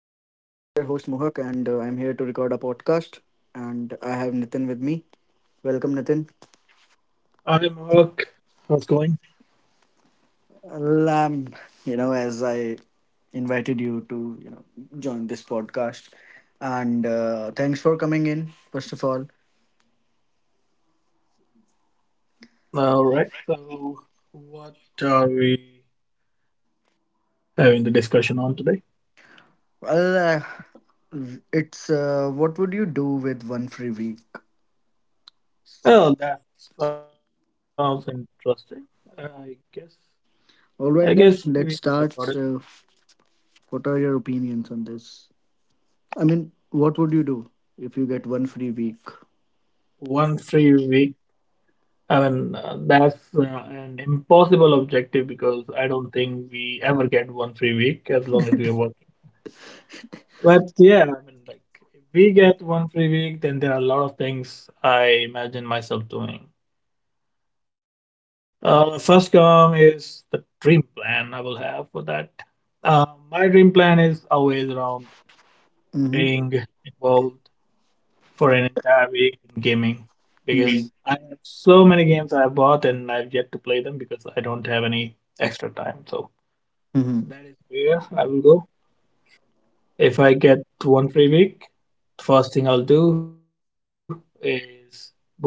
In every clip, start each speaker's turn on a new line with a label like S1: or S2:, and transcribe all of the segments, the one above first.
S1: your host Mohak, and I'm here to record a podcast. And I have Nitin with me. Welcome, Nitin.
S2: Hi, Mark. How's it going?
S1: Well, um, as I invited you to, join this podcast, and thanks for coming in. First of all,
S2: All right. So, what are we having the discussion on today?
S1: well, uh, it's what would you do with one free week? So,
S2: Well, that sounds interesting. I guess. I
S1: all
S2: guess
S1: right then,
S2: we
S1: let's
S2: recorded
S1: start. So, what are your opinions on this? I mean, what would you do if you get one free week?
S2: one free week. That's an impossible objective because I don't think we ever get one free week as long as we're working. But yeah, if we get one free week, then there are a lot of things I imagine myself doing. First come is the dream plan I will have for that. Uh, my dream plan is always around being involved for an entire week in gaming
S1: Mhm.
S2: because I have so many games I have bought and I've yet to play them because I don't have any extra time. So
S1: Mhm.
S2: that is where I will go. If I get one free week, first thing I'll do is boot up my PC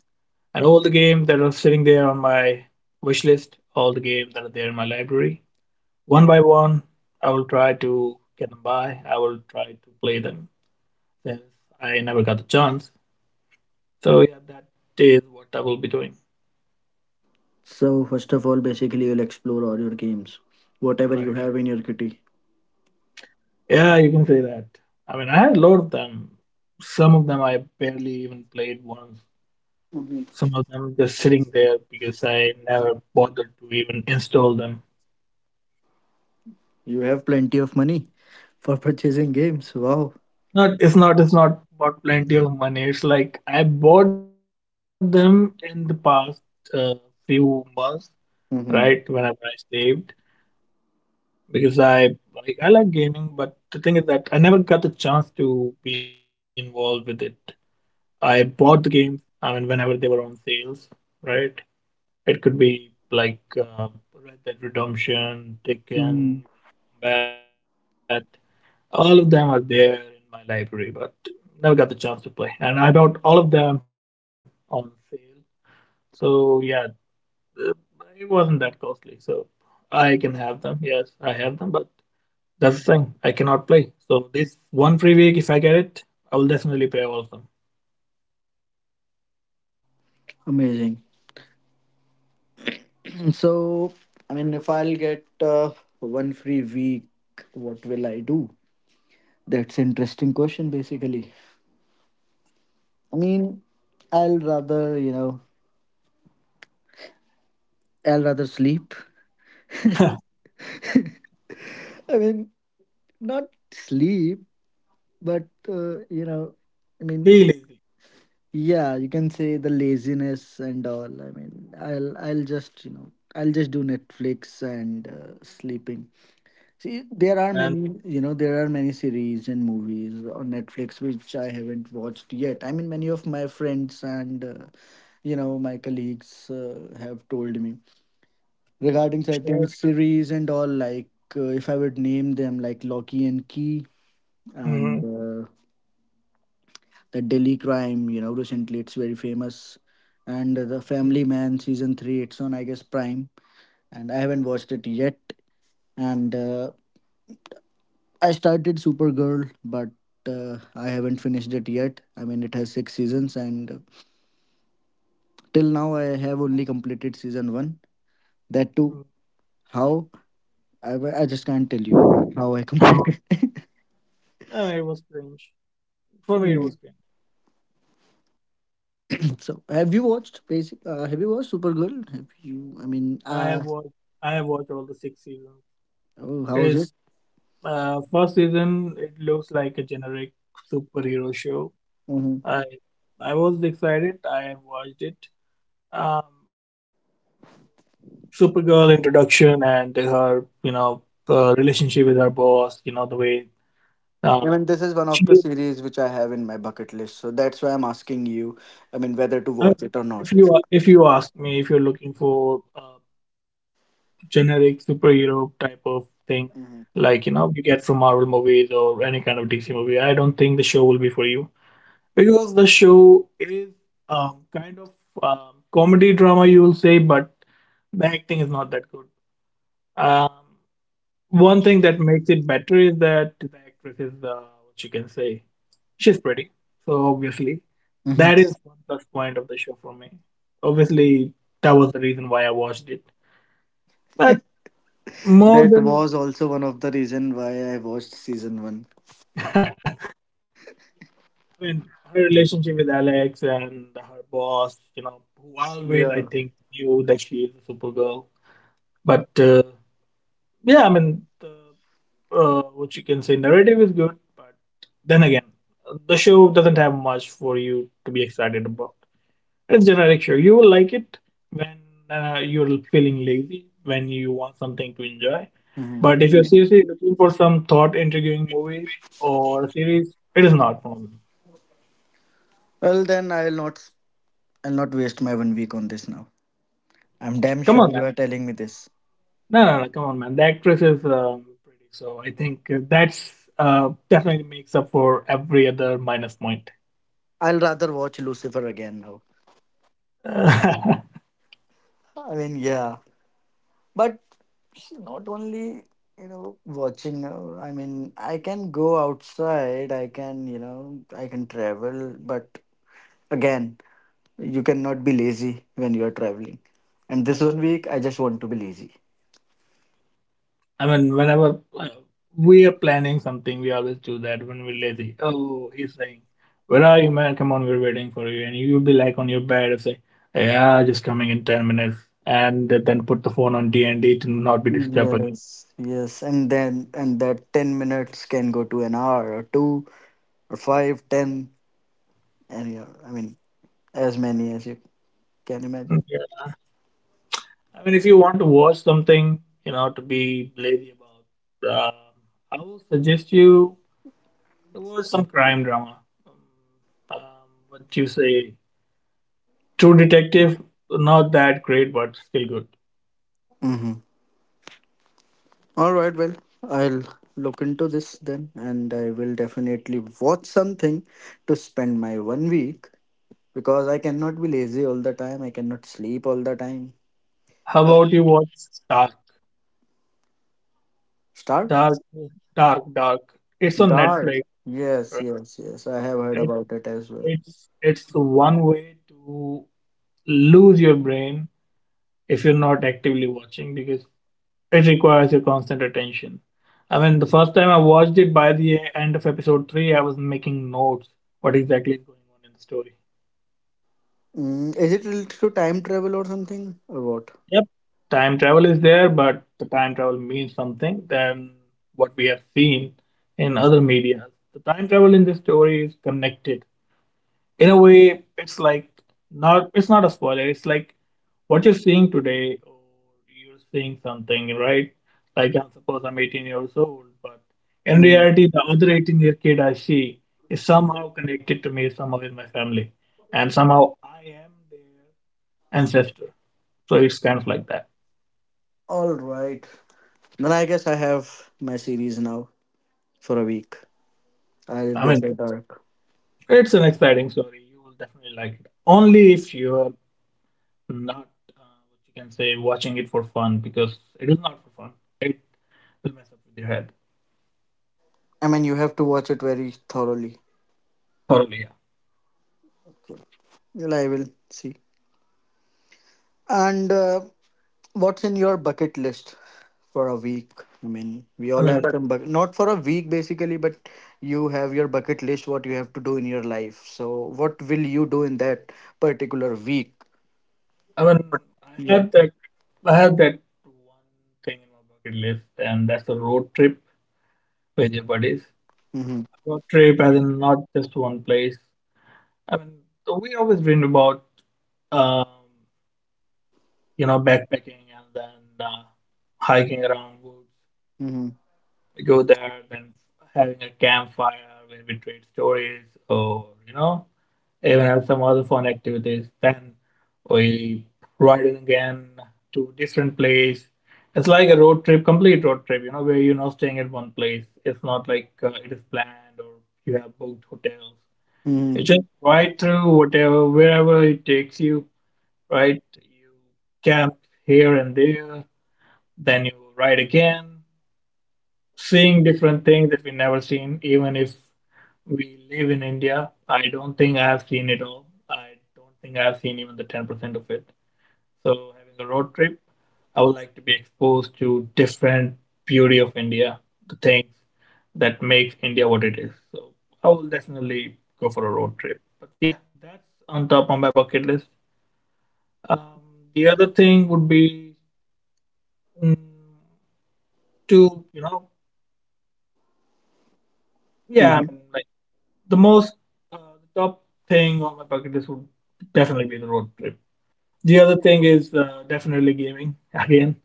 S2: and all the games that are sitting there on my wish list, all the games that are there in my library. One by one, I will try to get them by. I will try to play them since I never got the chance. So yeah, that is what I will be doing.
S1: So first of all, basically you'll explore all your games,
S2: All
S1: whatever you
S2: Right.
S1: have in your kitty.
S2: Yeah, you can say that. I mean, I had a lot of them. Some of them I barely even played once.
S1: Mhm.
S2: Some of them just sitting there because I never bothered to even install them.
S1: You have plenty of money for purchasing games. Wow.
S2: Not it's not it's not about plenty of money. It's like I bought them in the past uh, few months,
S1: Mhm.
S2: right? Whenever I saved, because I like gaming, but the thing is that I never got the chance to be involved with it. I bought the games. I mean, whenever they were on sales, right? It could be like Red Dead
S1: Mhm.
S2: Redemption, Tekken, Combat. All of them are there in my library, but never got the chance to play. And I bought all of them on sale. So yeah, uh, it wasn't that costly. So I can have them. Yes, I have them, but that's the thing. I cannot play. So this one free week, if I get it, I will definitely play all of
S1: Amazing. So I mean, if I'll get uh, one free week, what will I do? That's interesting question. Basically, I mean, I'll rather you know, I'll rather sleep.
S2: them.
S1: I mean, not sleep, but you know, I mean,
S2: Be lazy
S1: yeah, you can say the laziness and all. I mean, I'll just do Netflix and sleeping. See, there are
S2: and
S1: many there are many series and movies on Netflix which I haven't watched yet. I mean, many of my friends and my colleagues have told me regarding certain
S2: share.
S1: series and all like if I would name them like Loki and Key and
S2: Mm,
S1: the Delhi Crime. You know, recently it's very famous, and the
S2: mm,
S1: Family Man season three. It's on I guess Prime, and I haven't watched it yet. And I started Supergirl, but I haven't finished it yet. I mean, it has six seasons, and till now I have only completed season one. That
S2: mm.
S1: too, how I just can't tell you how I completed.
S2: I mean, it was cringe. For me, it
S1: Mm.
S2: was cringe.
S1: So have you watched Supergirl have you I mean
S2: I
S1: uh
S2: have watched. I have watched all the six seasons.
S1: oh, how
S2: It
S1: is it?
S2: is. First season, it looks like a generic superhero show.
S1: Hmm.
S2: I I was excited. I watched it. Um, Supergirl introduction and her, you know, relationship with her boss. You know the way.
S1: I
S2: Um,
S1: mean, this is one of the
S2: she,
S1: series which I have in my bucket list, so that's why I'm asking you. I mean, whether to
S2: I-
S1: watch
S2: mean,
S1: it or not.
S2: if you ask me, if you're looking for a generic superhero type of thing, like you
S1: Mhm.
S2: know you get from Marvel movies or any kind of DC movie, I don't think the show will be for you. Because the show is kind of comedy drama, you will say, but the acting is not that good. Um, One thing that makes it better is that the actress is what you can say. She's pretty, so obviously
S1: Mhm.
S2: that is one plus point of the show for me. Obviously, that was the reason why I watched it. But more
S1: That
S2: than,
S1: was also one of the reason why I watched season one.
S2: I mean, her relationship with Alex and her boss, you know, who always I
S1: Yeah.
S2: think knew that she is a Supergirl, but. Yeah, what you can say, narrative is good, but then again, the show doesn't have much for you to be excited about. It's generic show. You will like it when you're feeling lazy, when you want something to enjoy.
S1: Mhm.
S2: But if you're seriously looking for some thought-intriguing movie or series, it is not for me.
S1: Well, then I'll not. I'll not waste my one week on this now. I'm damn
S2: Come
S1: sure
S2: on, man.
S1: you are telling me this.
S2: No, no, no, come on, man. The actress is pretty, so I think that's definitely makes up for every other minus point.
S1: I'll rather watch Lucifer again now. I mean, yeah. But not only watching. I mean, I can go outside. I can I can travel. But again, you cannot be lazy when you are traveling. And
S2: Uh,
S1: this one week, I just want to be lazy.
S2: I mean, whenever we are planning something, we always do that when we're lazy. Oh, he's saying, "Where are you, man? Come on, we're waiting for you." And you'll be like on your bed and say, "Yeah, just coming in 10 minutes." And then put the phone on D and D to not be disturbed again.
S1: Yes, yes, and then and that 10 minutes can go to an hour or two or five, ten, and I mean, as many as you can
S2: Mm,
S1: imagine.
S2: yeah. I mean, if you want to watch something, you know, to be lazy about, I will suggest you to watch some crime drama. Um, what you say? True Detective, not that great, but still good.
S1: Mm-hmm. All right, well, I'll look into this then, and I will definitely watch something to spend my one week because I cannot be lazy all the time. I cannot sleep all the time.
S2: How
S1: Yeah.
S2: about you watch Dark?
S1: Start?
S2: Dark, Dark. It's on
S1: Dark.
S2: Netflix,
S1: Yes,
S2: right?
S1: yes, yes. I have heard
S2: It,
S1: about it as well.
S2: it's one way to lose your brain if you're not actively watching because it requires your constant attention. I mean, the first time I watched it, by the end of episode three, I was making notes what exactly is going on in the story.
S1: Mm, is it related to time travel or something, or what?
S2: Yep, time travel is there, but the time travel means something than what we have seen in other media. The time travel in this story is connected in a way. It's like, not it's not a spoiler, it's like what you're seeing today, or you're seeing something, right? Like, I'm suppose I'm 18 years old, but in
S1: Mm.
S2: reality the other 18-year kid I see is somehow connected to me, somehow with my family, and somehow I am their ancestor. So it's kind of like that.
S1: All right. Then I guess I have my series now for a week. I'll
S2: I
S1: go
S2: mean,
S1: for dark.
S2: it's an exciting story, you will definitely like it, only if you are not what you can say watching it for fun, because it is not for fun. It will mess up with your head.
S1: I mean, you have to watch it very thoroughly.
S2: Totally. Yeah.
S1: Well, I will see. And what's in your bucket list for a week? I mean, we
S2: I
S1: all have
S2: mean,
S1: but some bucket, not for a week basically, but you have your bucket list, what you have to do in your life. So, what will you do in that particular week?
S2: I mean, I
S1: Yeah.
S2: have that. I have that one thing in my bucket list, and that's a road trip with your buddies.
S1: Mm-hmm.
S2: Road trip, as in not just one place. I mean, so we always dream about, um, you know, backpacking and then uh, hiking around woods.
S1: Mm-hmm.
S2: We go there, then having a campfire where we trade stories, or you know, even have some other fun activities. Then we riding again to different place. It's like a road trip, complete road trip, you know, where you're not staying at one place. It's not like it is planned or you have booked hotels.
S1: Mm-hmm.
S2: You just ride through whatever, wherever it takes you, right? You camp here and there, then you ride again, seeing different things that we never seen, even if we live in India. I don't think I have seen it all. I don't think I have seen even the 10% of it. So having a road trip, I would like to be exposed to different beauty of India, the things that makes India what it is. So I will definitely go for a road trip. But yeah, that's on top of my bucket list. Um, the other thing would be mm, to you know yeah
S1: Mm-hmm.
S2: I mean the most uh, top thing on my bucket list would definitely be the road trip. The other thing is definitely gaming again,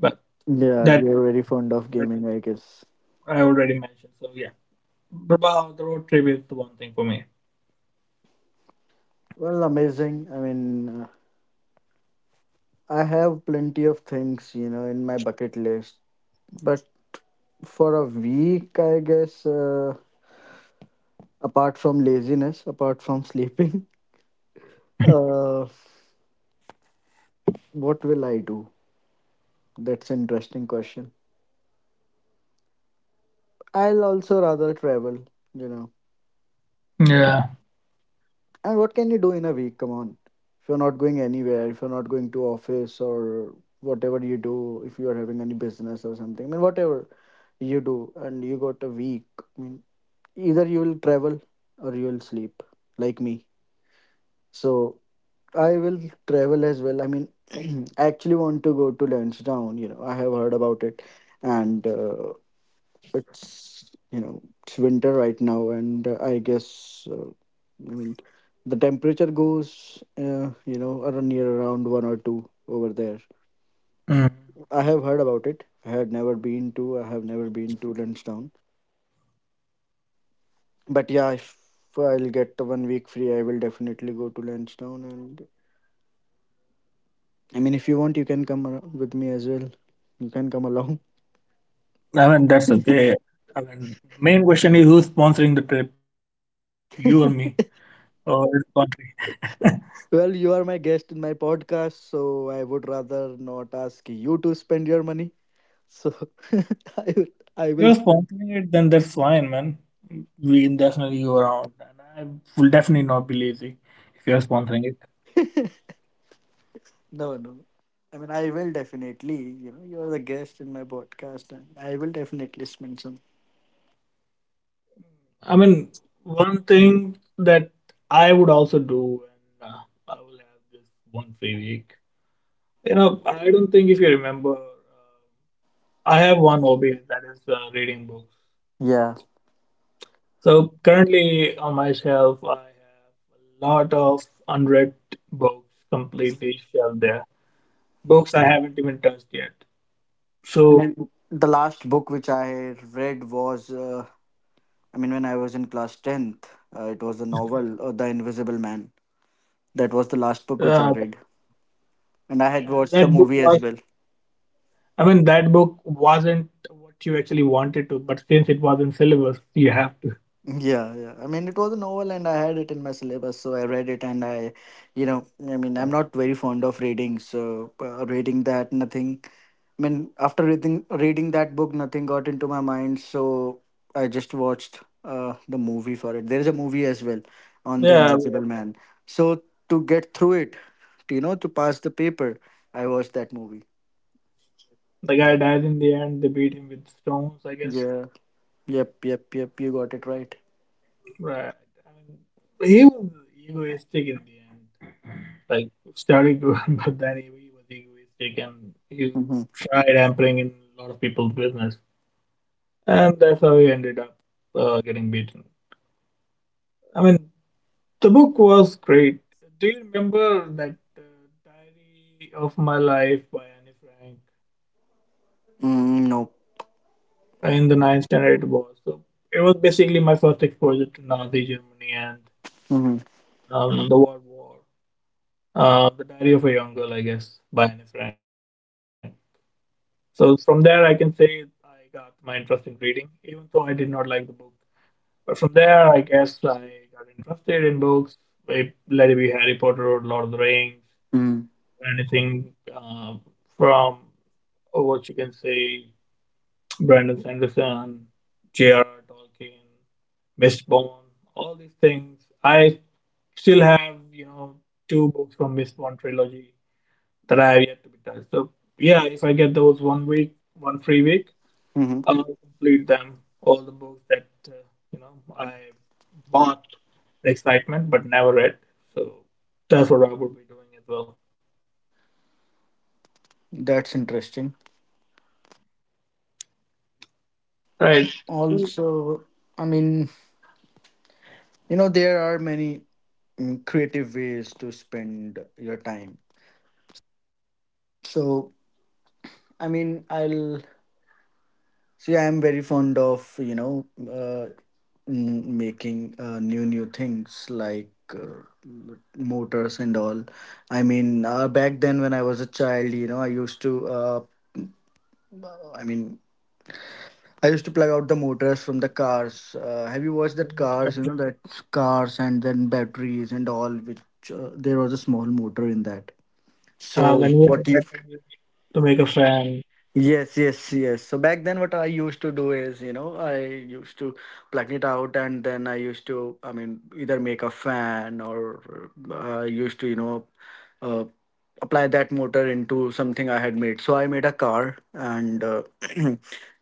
S2: but
S1: Yeah,
S2: that
S1: you are very fond of
S2: already,
S1: gaming, I guess.
S2: I already mentioned. So yeah, but wow, the road trip is the one thing for me.
S1: Well, amazing. I mean, I have plenty of things, you know, in my bucket list, but for a week, I guess. Apart from laziness, apart from sleeping, uh, what will I do? That's an interesting question. I'll also rather travel, you know.
S2: Yeah.
S1: And what can you do in a week? Come on. If you're not going anywhere, if you're not going to office or whatever you do, if you are having any business or something, I mean, whatever you do, and you got a week, I mean, either you will travel or you will sleep, like me. So I will travel as well. I mean, I actually want to go to Lansdowne. You know, I have heard about it, and it's you know it's winter right now, and I guess I mean the temperature goes around one or two over there.
S2: Mm.
S1: I have heard about it. I had never been to. I have never been to Lansdowne. But yeah, if I'll get the one week free, I will definitely go to Lansdowne. And I mean, if you want, you can come with me as well. You can come along.
S2: I mean, that's okay. I mean, main question is who's sponsoring the trip, you or me, or the country?
S1: Well, you are my guest in my podcast, so I would rather not ask you to spend your money. So I will, I will
S2: You're
S1: spend.
S2: sponsoring it, then that's fine, man. We can definitely go around, and I will definitely not be lazy if you're sponsoring it.
S1: No, no. I mean, I will definitely. You know, you are the guest in my podcast, and I will definitely spend some.
S2: I mean, one thing that I would also do, and I will have this one free week. You know, I don't think if you remember, I have one hobby that is reading books.
S1: Yeah.
S2: So currently on my shelf, I have a lot of unread books completely shelved there. Books I haven't even touched yet. So
S1: And the last book which I read was, I mean, when I was in class tenth, it was a novel, The Invisible Man. That
S2: uh,
S1: was the last book which I read,
S2: and
S1: and I
S2: that
S1: had
S2: book
S1: watched the
S2: was,
S1: movie as well.
S2: I mean, that book wasn't what you actually wanted to, but since it was in syllabus, you have to.
S1: Yeah, yeah. I mean, it was a novel and I had it in my syllabus, so I read it and I, you know, I mean, I'm not very fond of reading, so reading that, nothing. I mean, after reading that book, nothing got into my mind, so I just watched the movie for it. There is a movie as well on The
S2: Yeah,
S1: Invisible
S2: yeah.
S1: Man. So to get through it, to pass the paper, I watched that movie.
S2: The guy died in the end. They beat him with stones, I guess.
S1: Yeah. Yep, yep, yep. You got it right.
S2: Right. I mean, he was egoistic in the end. Like, started good, but then he was egoistic and he
S1: Mm-hmm.
S2: tried hampering in a lot of people's business. And that's how he ended up getting beaten. I mean, the book was great. Do you remember that Diary of My Life by Anne Frank
S1: Mm, no.
S2: in the ninth standard? It was so. It was basically my first exposure to Nazi Germany. And
S1: Mm-hmm.
S2: um, The War War, The Diary of a Young Girl, I guess, by Anne Frank. So from there, I can say I got my interest in reading, even though I did not like the book. But from there, I guess I got interested in books. It, let it be Harry Potter or Lord of the Rings,
S1: Mm-hmm.
S2: anything uh, from or what you can say, Brandon Sanderson, J.R.R. Tolkien, Mistborn, all these things. I still have, you know, two books from Mistborn trilogy that I have yet to be touched. So yeah, if I get those 1 week, one free week, I'll complete them all the books that I bought the excitement but never read. So that's what I would be doing as well.
S1: That's interesting.
S2: Right. Um,
S1: Also, I mean, there are many creative ways to spend your time. So I mean, I'll see, I'm very fond of making new things like motors and all. I mean, back then when I was a child, you know, i mean I used to plug out the motors from the cars. Have you watched that
S2: When you
S1: cars? You know
S2: mentioned,
S1: that cars and then batteries and all. Which there was a small motor in that. So
S2: when you were
S1: what you?
S2: mentioning to make a fan,
S1: Yes, yes, yes. So back then, what I used to do is, you know, I used to plug it out, and then I used to, I mean, either make a fan or I used to, you know, uh, apply that motor into something I had made. So I made a car, and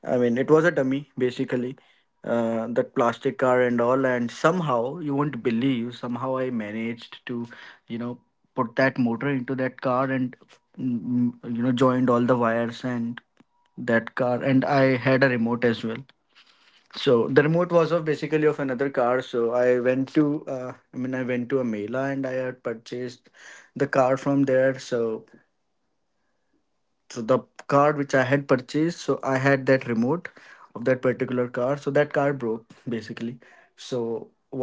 S1: I mean, it was a dummy basically, that plastic car and all. And somehow, you won't believe, somehow I managed to, you know, put that motor into that car, and joined all the wires and that car. And I had a remote as well. So the remote was of basically of another car. So I went to, I mean, I went to a Mela and I had purchased the car from there. So the card which I had purchased, so I had that remote of that particular car. So that car broke basically. So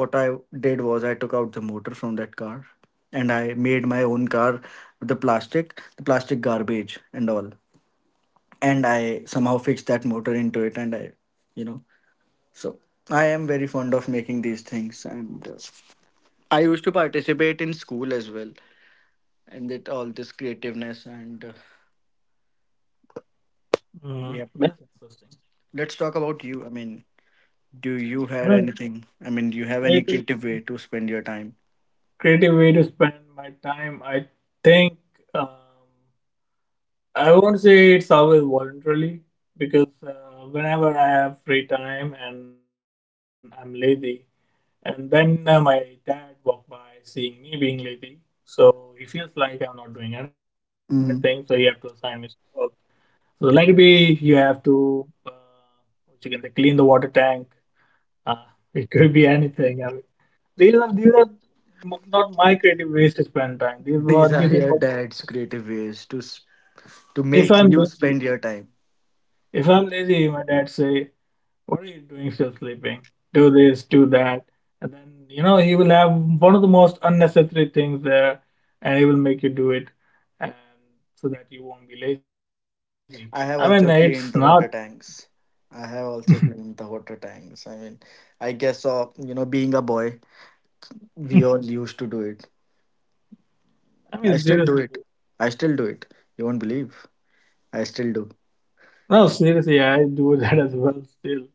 S1: what I did was I took out the motor from that car, and I made my own car with the plastic garbage and all. And I somehow fixed that motor into it, and I you know so I am very fond of making these things. And I used to participate in school as well and with all this creativeness, and
S2: mm,
S1: yeah,
S2: that's interesting.
S1: let's talk about you. I mean, do you had
S2: Well,
S1: anything? I mean, do you have any
S2: creative,
S1: creative way to spend your time?
S2: creative way to spend my time, I think. Um, I won't say it's always voluntarily because whenever I have free time and I'm lazy, and then my dad walked by seeing me being lazy, so he feels like I'm not doing anything, so he have to
S1: Hmm.
S2: assign me some work. So let it be you have to, what you can say, clean the water tank. Uh, it could be anything. I mean, these are not my creative ways to spend time. These were
S1: These
S2: this
S1: are
S2: is
S1: your
S2: what
S1: dad's creative ways to to
S2: if
S1: make
S2: I'm
S1: you
S2: lazy,
S1: spend your time.
S2: if I'm lazy, my dad say, what are you doing still sleeping? Do this, do that. And then, you know, he will have one of the most unnecessary things there and he will make you do it and so that you won't be lazy. I mean, it's
S1: I have
S2: not,
S1: also cleaned the water tanks. I have also cleaned the water tanks. I mean, I guess you know, being a boy,
S2: I
S1: we all used to do it.
S2: mean,
S1: I still do
S2: seriously.
S1: it. I still do it. You won't believe. I still do.
S2: No, seriously, I do that as well still.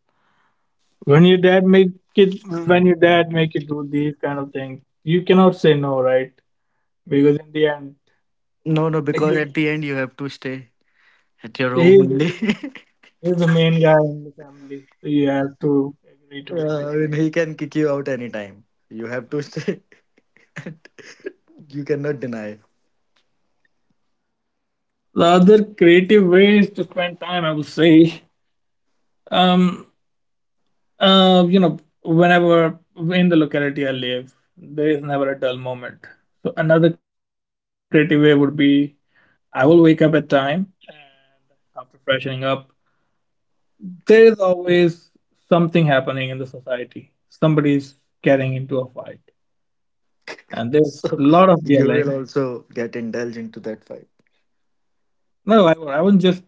S2: When your dad make it, when your dad make you do these kind of things, you cannot say no, right? Because in the end,
S1: No, no, because
S2: he,
S1: at the end you have to stay at your home
S2: he's,
S1: only.
S2: he's the main guy in the family. So you have to agree to his
S1: Yeah, I
S2: thing.
S1: mean, he can kick you out anytime. You have to stay. You cannot deny.
S2: The other creative ways to spend time I will say, um you know, whenever in the locality I live, there is never a dull moment, so another creative way would be I will wake up at time, and after freshening up, there is always something happening in the society. Somebody's getting into a fight, and there's
S1: So
S2: a lot of
S1: you will
S2: yelling.
S1: also get indulged into that fight.
S2: No, no, I won't. I won't just.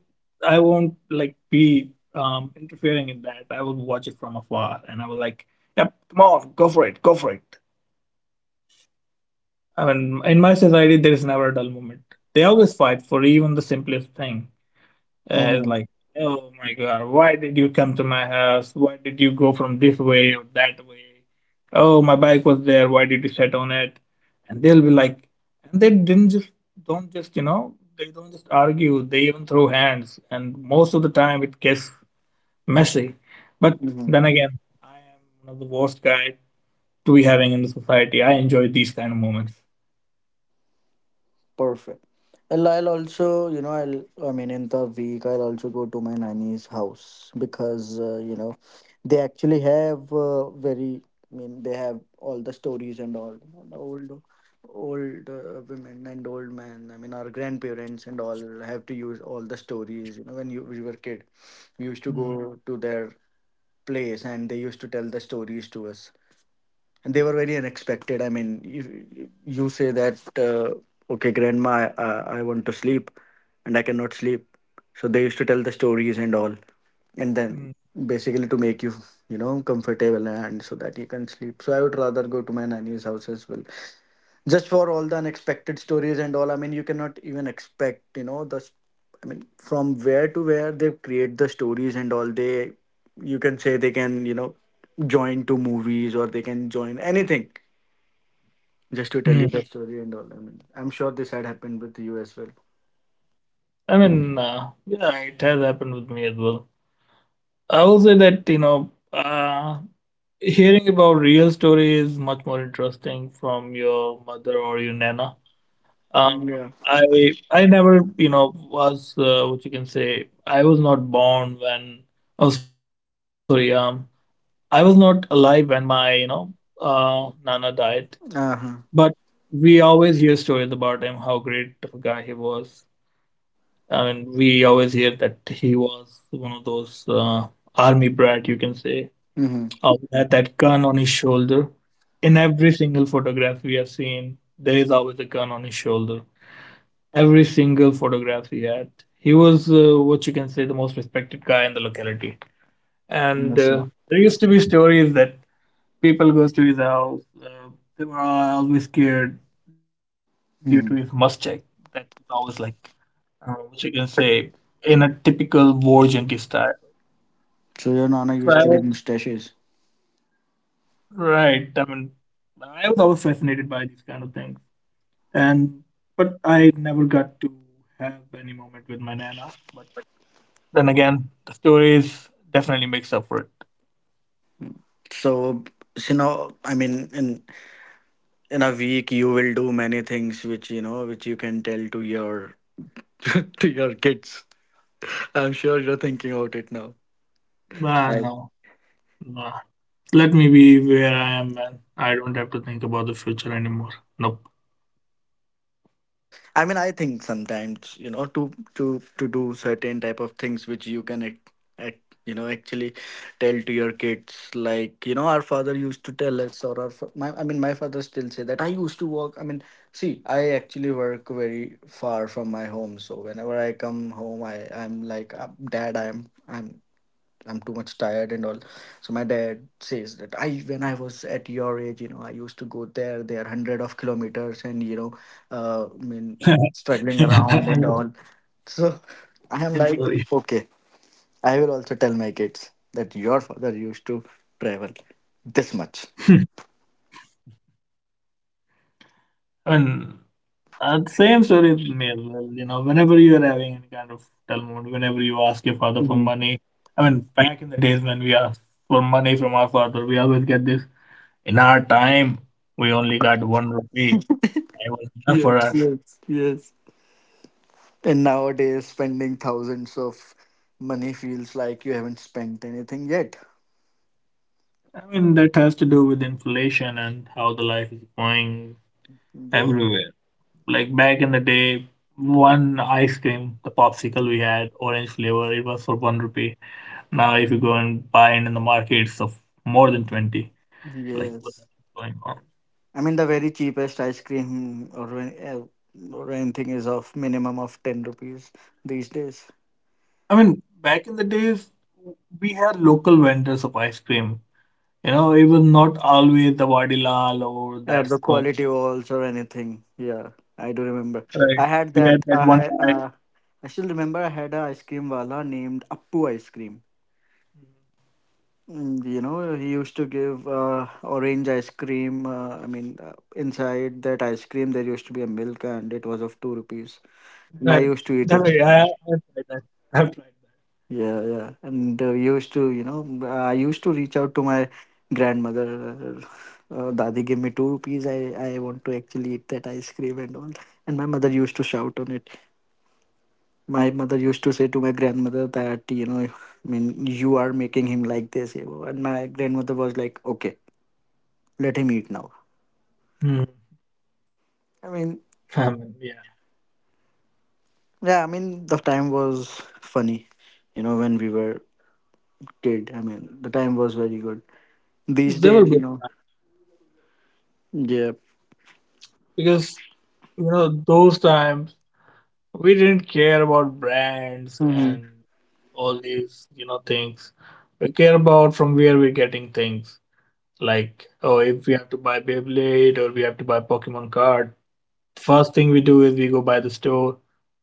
S2: I won't like be interfering in that. I will watch it from afar, and I will like, yep, come on, go for it, go for it. I mean, in my society, there is never a dull moment. They always fight for even the simplest thing. And it's
S1: Mm-hmm.
S2: like, oh my God, why did you come to my house? Why did you go from this way or that way? Oh, my bike was there. Why did you sit on it? And they'll be like, and they didn't just, don't just, you know, they don't just argue. They even throw hands. And most of the time it gets messy. But
S1: Mm-hmm.
S2: then again, I am one of the worst guy to be having in the society. I enjoy these kind of moments.
S1: Perfect. Well, I'll also, you know, I'll, I mean, in the week, I'll also go to my nanny's house because, you know, they actually have very, I mean, they have all the stories and all, you know, the old women and old men. I mean, our grandparents and all have to use all the stories, you know, when we were kid, we used to
S2: Mm,
S1: go to their place and they used to tell the stories to us, and they were very unexpected. I mean you say that uh, okay, grandma, I want to sleep and I cannot sleep, so they used to tell the stories and all, and then
S2: mm,
S1: basically to make you, you know, comfortable, and so that you can sleep. So I would rather go to my nanny's house as well, just for all the unexpected stories and all. I mean, you cannot even expect, you know, I mean, from where to where they create the stories and all. They, you can say, they can, you know, join two movies, or they can join anything, just to tell you
S2: mm.
S1: the story and all. I mean, I'm sure this had happened with you as well.
S2: I mean, yeah, it has happened with me as well. I will say that, you know, hearing about real story is much more interesting from your mother or your nana. Um,
S1: Yeah.
S2: I I never, you know, was what you can say. I was not born when. Oh, sorry. I was not alive when my, you know, nana died.
S1: Uh-huh.
S2: But we always hear stories about him, how great of a guy he was. I mean, we always hear that he was one of those army brat, you can say.
S1: Mm-hmm.
S2: Oh, that gun on his shoulder. In every single photograph we have seen, there is always a gun on his shoulder. Every single photograph he had. He was what you can say the most respected guy in the locality. And
S1: Yes, sir.
S2: there used to be stories that people goes to his house. They were always scared due to his mustache.
S1: Hmm.
S2: That is always like what you can say in a typical war junkie style.
S1: So your nana
S2: So I
S1: used to
S2: was
S1: get mustaches.
S2: right. I mean, I was always fascinated by these kind of things, and but I never got to have any moment with my nana. But then again, the stories definitely makes up for it.
S1: So, you know, I mean, in a week you will do many things which, you know, which you can tell to your to your kids. I'm sure you're thinking about it now.
S2: Nah,
S1: Like,
S2: no, nah. Let me be where I am, man. I don't have to think about the future anymore. Nope.
S1: I mean, I think sometimes, you know, to to do certain type of things which you can act, act, you know, actually tell to your kids. Like, you know, our father used to tell us, or my, I mean, my father still say that I used to work. I mean, see, I actually work very far from my home, so whenever I come home, I'm like, Dad, I'm I'm too much tired and all." So my dad says that I, when I was at your age, you know, I used to go there. There are hundred of kilometers, and you know, I mean, struggling
S2: I'm
S1: around and all. So I am
S2: sorry.
S1: like, okay, I will also tell my kids that your father used to travel this much.
S2: I mean, the same story with me as well. You know, whenever you are having any kind of dull moment, whenever you ask your father for
S1: Mhm.
S2: money, I mean, back in the days when we asked for money from our father, we always get this. In our time, we only got one rupee. It was enough for
S1: Yes,
S2: us.
S1: yes, yes. And nowadays, spending thousands of money feels like you haven't spent anything yet.
S2: I mean, that has to do with inflation and how the life is going
S1: Yeah.
S2: everywhere. Like back in the day, one ice cream, the popsicle we had, orange flavor, it was for one rupee. Now, if you go and buy it in the market, it's of more than 20. Like, what the
S1: Yes.
S2: heck is going on?
S1: I mean, the very cheapest ice cream or or anything is of minimum of 10 rupees these days.
S2: I mean, back in the days, we had local vendors of ice cream. You know, it was not always the Vadilal or that
S1: The
S2: spoon.
S1: quality walls or anything. Yeah, I
S2: Right.
S1: do remember.
S2: We had
S1: I
S2: that
S1: had
S2: one
S1: that. I
S2: time.
S1: had. I still remember. I had a ice cream wala named Appu Ice Cream. Mm. You know, he used to give orange ice cream. I mean, inside that ice cream, there used to be a milk, and it was of 2 rupees.
S2: Right.
S1: And I used
S2: Definitely.
S1: to eat
S2: I
S1: it.
S2: have tried that. I have tried
S1: Yeah, yeah. And used to, you know, I used to reach out to my grandmother. Dadi, give me 2 rupees. I want to actually eat that ice cream and all. And my mother used to shout on it. My mother used to say to my grandmother that, you know, I mean, you are making him like this, you know. And my grandmother was like, okay, let him eat now.
S2: Mm. I
S1: I
S2: mean,
S1: mean,
S2: yeah.
S1: yeah, I mean, the time was funny, you know, when we were kid. I mean, the time was very good. These
S2: They were
S1: days, you
S2: good
S1: know, yeah.
S2: because, you know, those times we didn't care about brands and all these, you know, things. We care about from where we're getting things. Like, oh, if we have to buy Beyblade or we have to buy Pokemon card, first thing we do is we go by the store,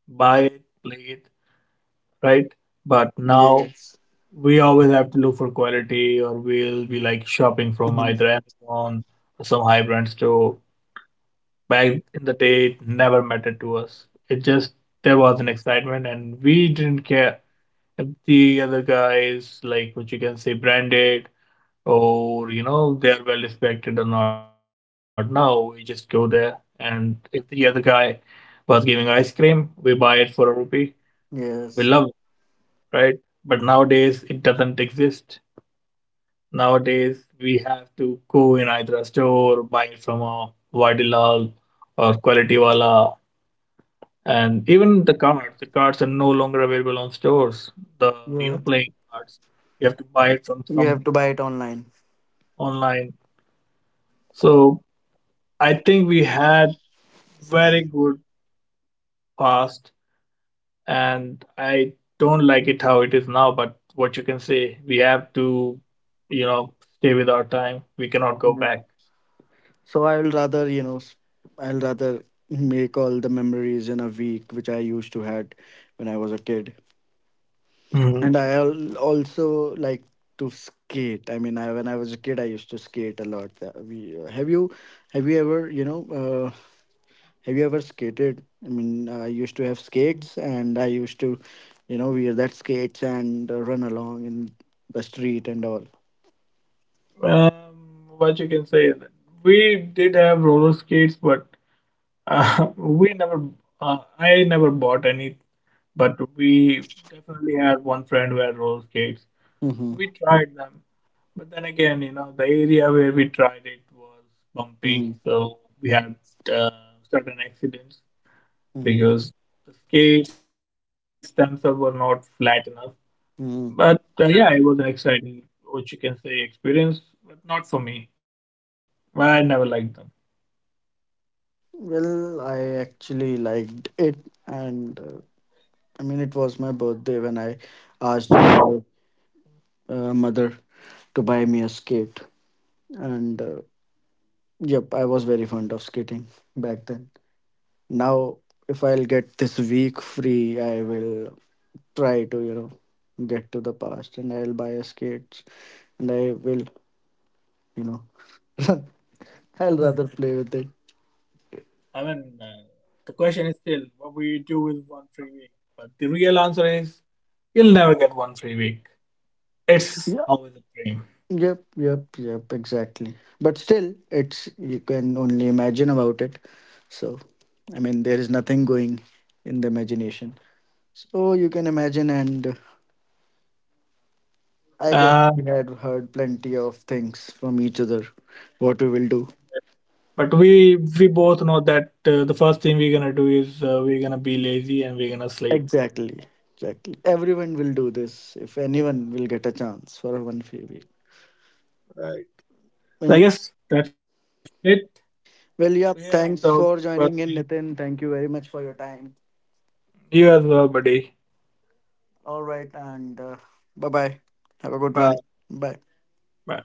S2: buy it, play it, right? But now
S1: Yes.
S2: we always have to look for quality or we'll be like shopping from
S1: Mhm.
S2: either Amazon or some high brand store. Back in the day, it never mattered to us. It just there was an excitement and we didn't care if the other guys like what you can say branded or you know they are well respected or not. Now we just go there and if the other guy was giving ice cream, we buy it for a rupee. We love
S1: Yes.
S2: it, right? But nowadays it doesn't exist. Nowadays, we have to go in either a store, buy it from a Vadilal or Quality Wala, and even the cards. The cards are no longer available on stores. The You know,
S1: Yeah.
S2: playing cards, you have to buy it from
S1: You have
S2: some
S1: to buy it online.
S2: online. So I think we had very good past, and I don't like it how it is now. But what you can say, we have to, you know, stay with our time. We cannot go
S1: Yeah.
S2: back.
S1: So I'll rather, you know, I'll rather make all the memories in a week, which I used to had when I was a kid.
S2: Mhm.
S1: And I'll also like to skate. I mean, I, when I was a kid, I used to skate a lot. We, have you ever, you know, have you ever skated? I mean, I used to have skates, and I used to, you know, wear that skates and run along in the street and all.
S2: Um, what you can say is that we did have roller skates, but we never, I never bought any. But we definitely had one friend who had roller skates.
S1: Mm-hmm.
S2: We tried them, but then again, you know, the area where we tried it was
S1: Mm-hmm.
S2: bumpy, so we had uh, certain accidents
S1: Mm-hmm.
S2: because the skates themselves were not flat enough.
S1: Mm-hmm.
S2: But yeah, it was an exciting, what you can say, experience, but not for me. I never liked
S1: Well, I actually liked it, and I mean, it was my birthday when I asked my mother to buy me a skate, and yep, I was very fond of skating back then. Now, if I'll get this week free, I will try to, you know, get to the past, and I'll buy a skate, and I will, you know, I'll
S2: them.
S1: rather play with it.
S2: I mean, the question is still what will you do with one free week? But the real answer is you'll never get one free week. It's always a dream.
S1: Yep, yep, yep, exactly. But still, it's you can only imagine about it. So, I mean, there is nothing going in the imagination. So you can imagine, and I guess
S2: Uh,
S1: we had heard plenty of things from each other. What we will do.
S2: but we both know that the first thing we're gonna do is we're gonna be lazy and we're gonna sleep.
S1: Exactly, exactly. Everyone will do this if anyone will get a chance for one free week.
S2: Right. So I guess
S1: And
S2: that's it. We have
S1: well, yeah,
S2: the
S1: thanks
S2: Well,
S1: for joining in, Nitin. Thank you very much for your time.
S2: you as well, buddy.
S1: All right, and bye bye. Have a good one.
S2: Bye.
S1: Bye.
S2: Bye.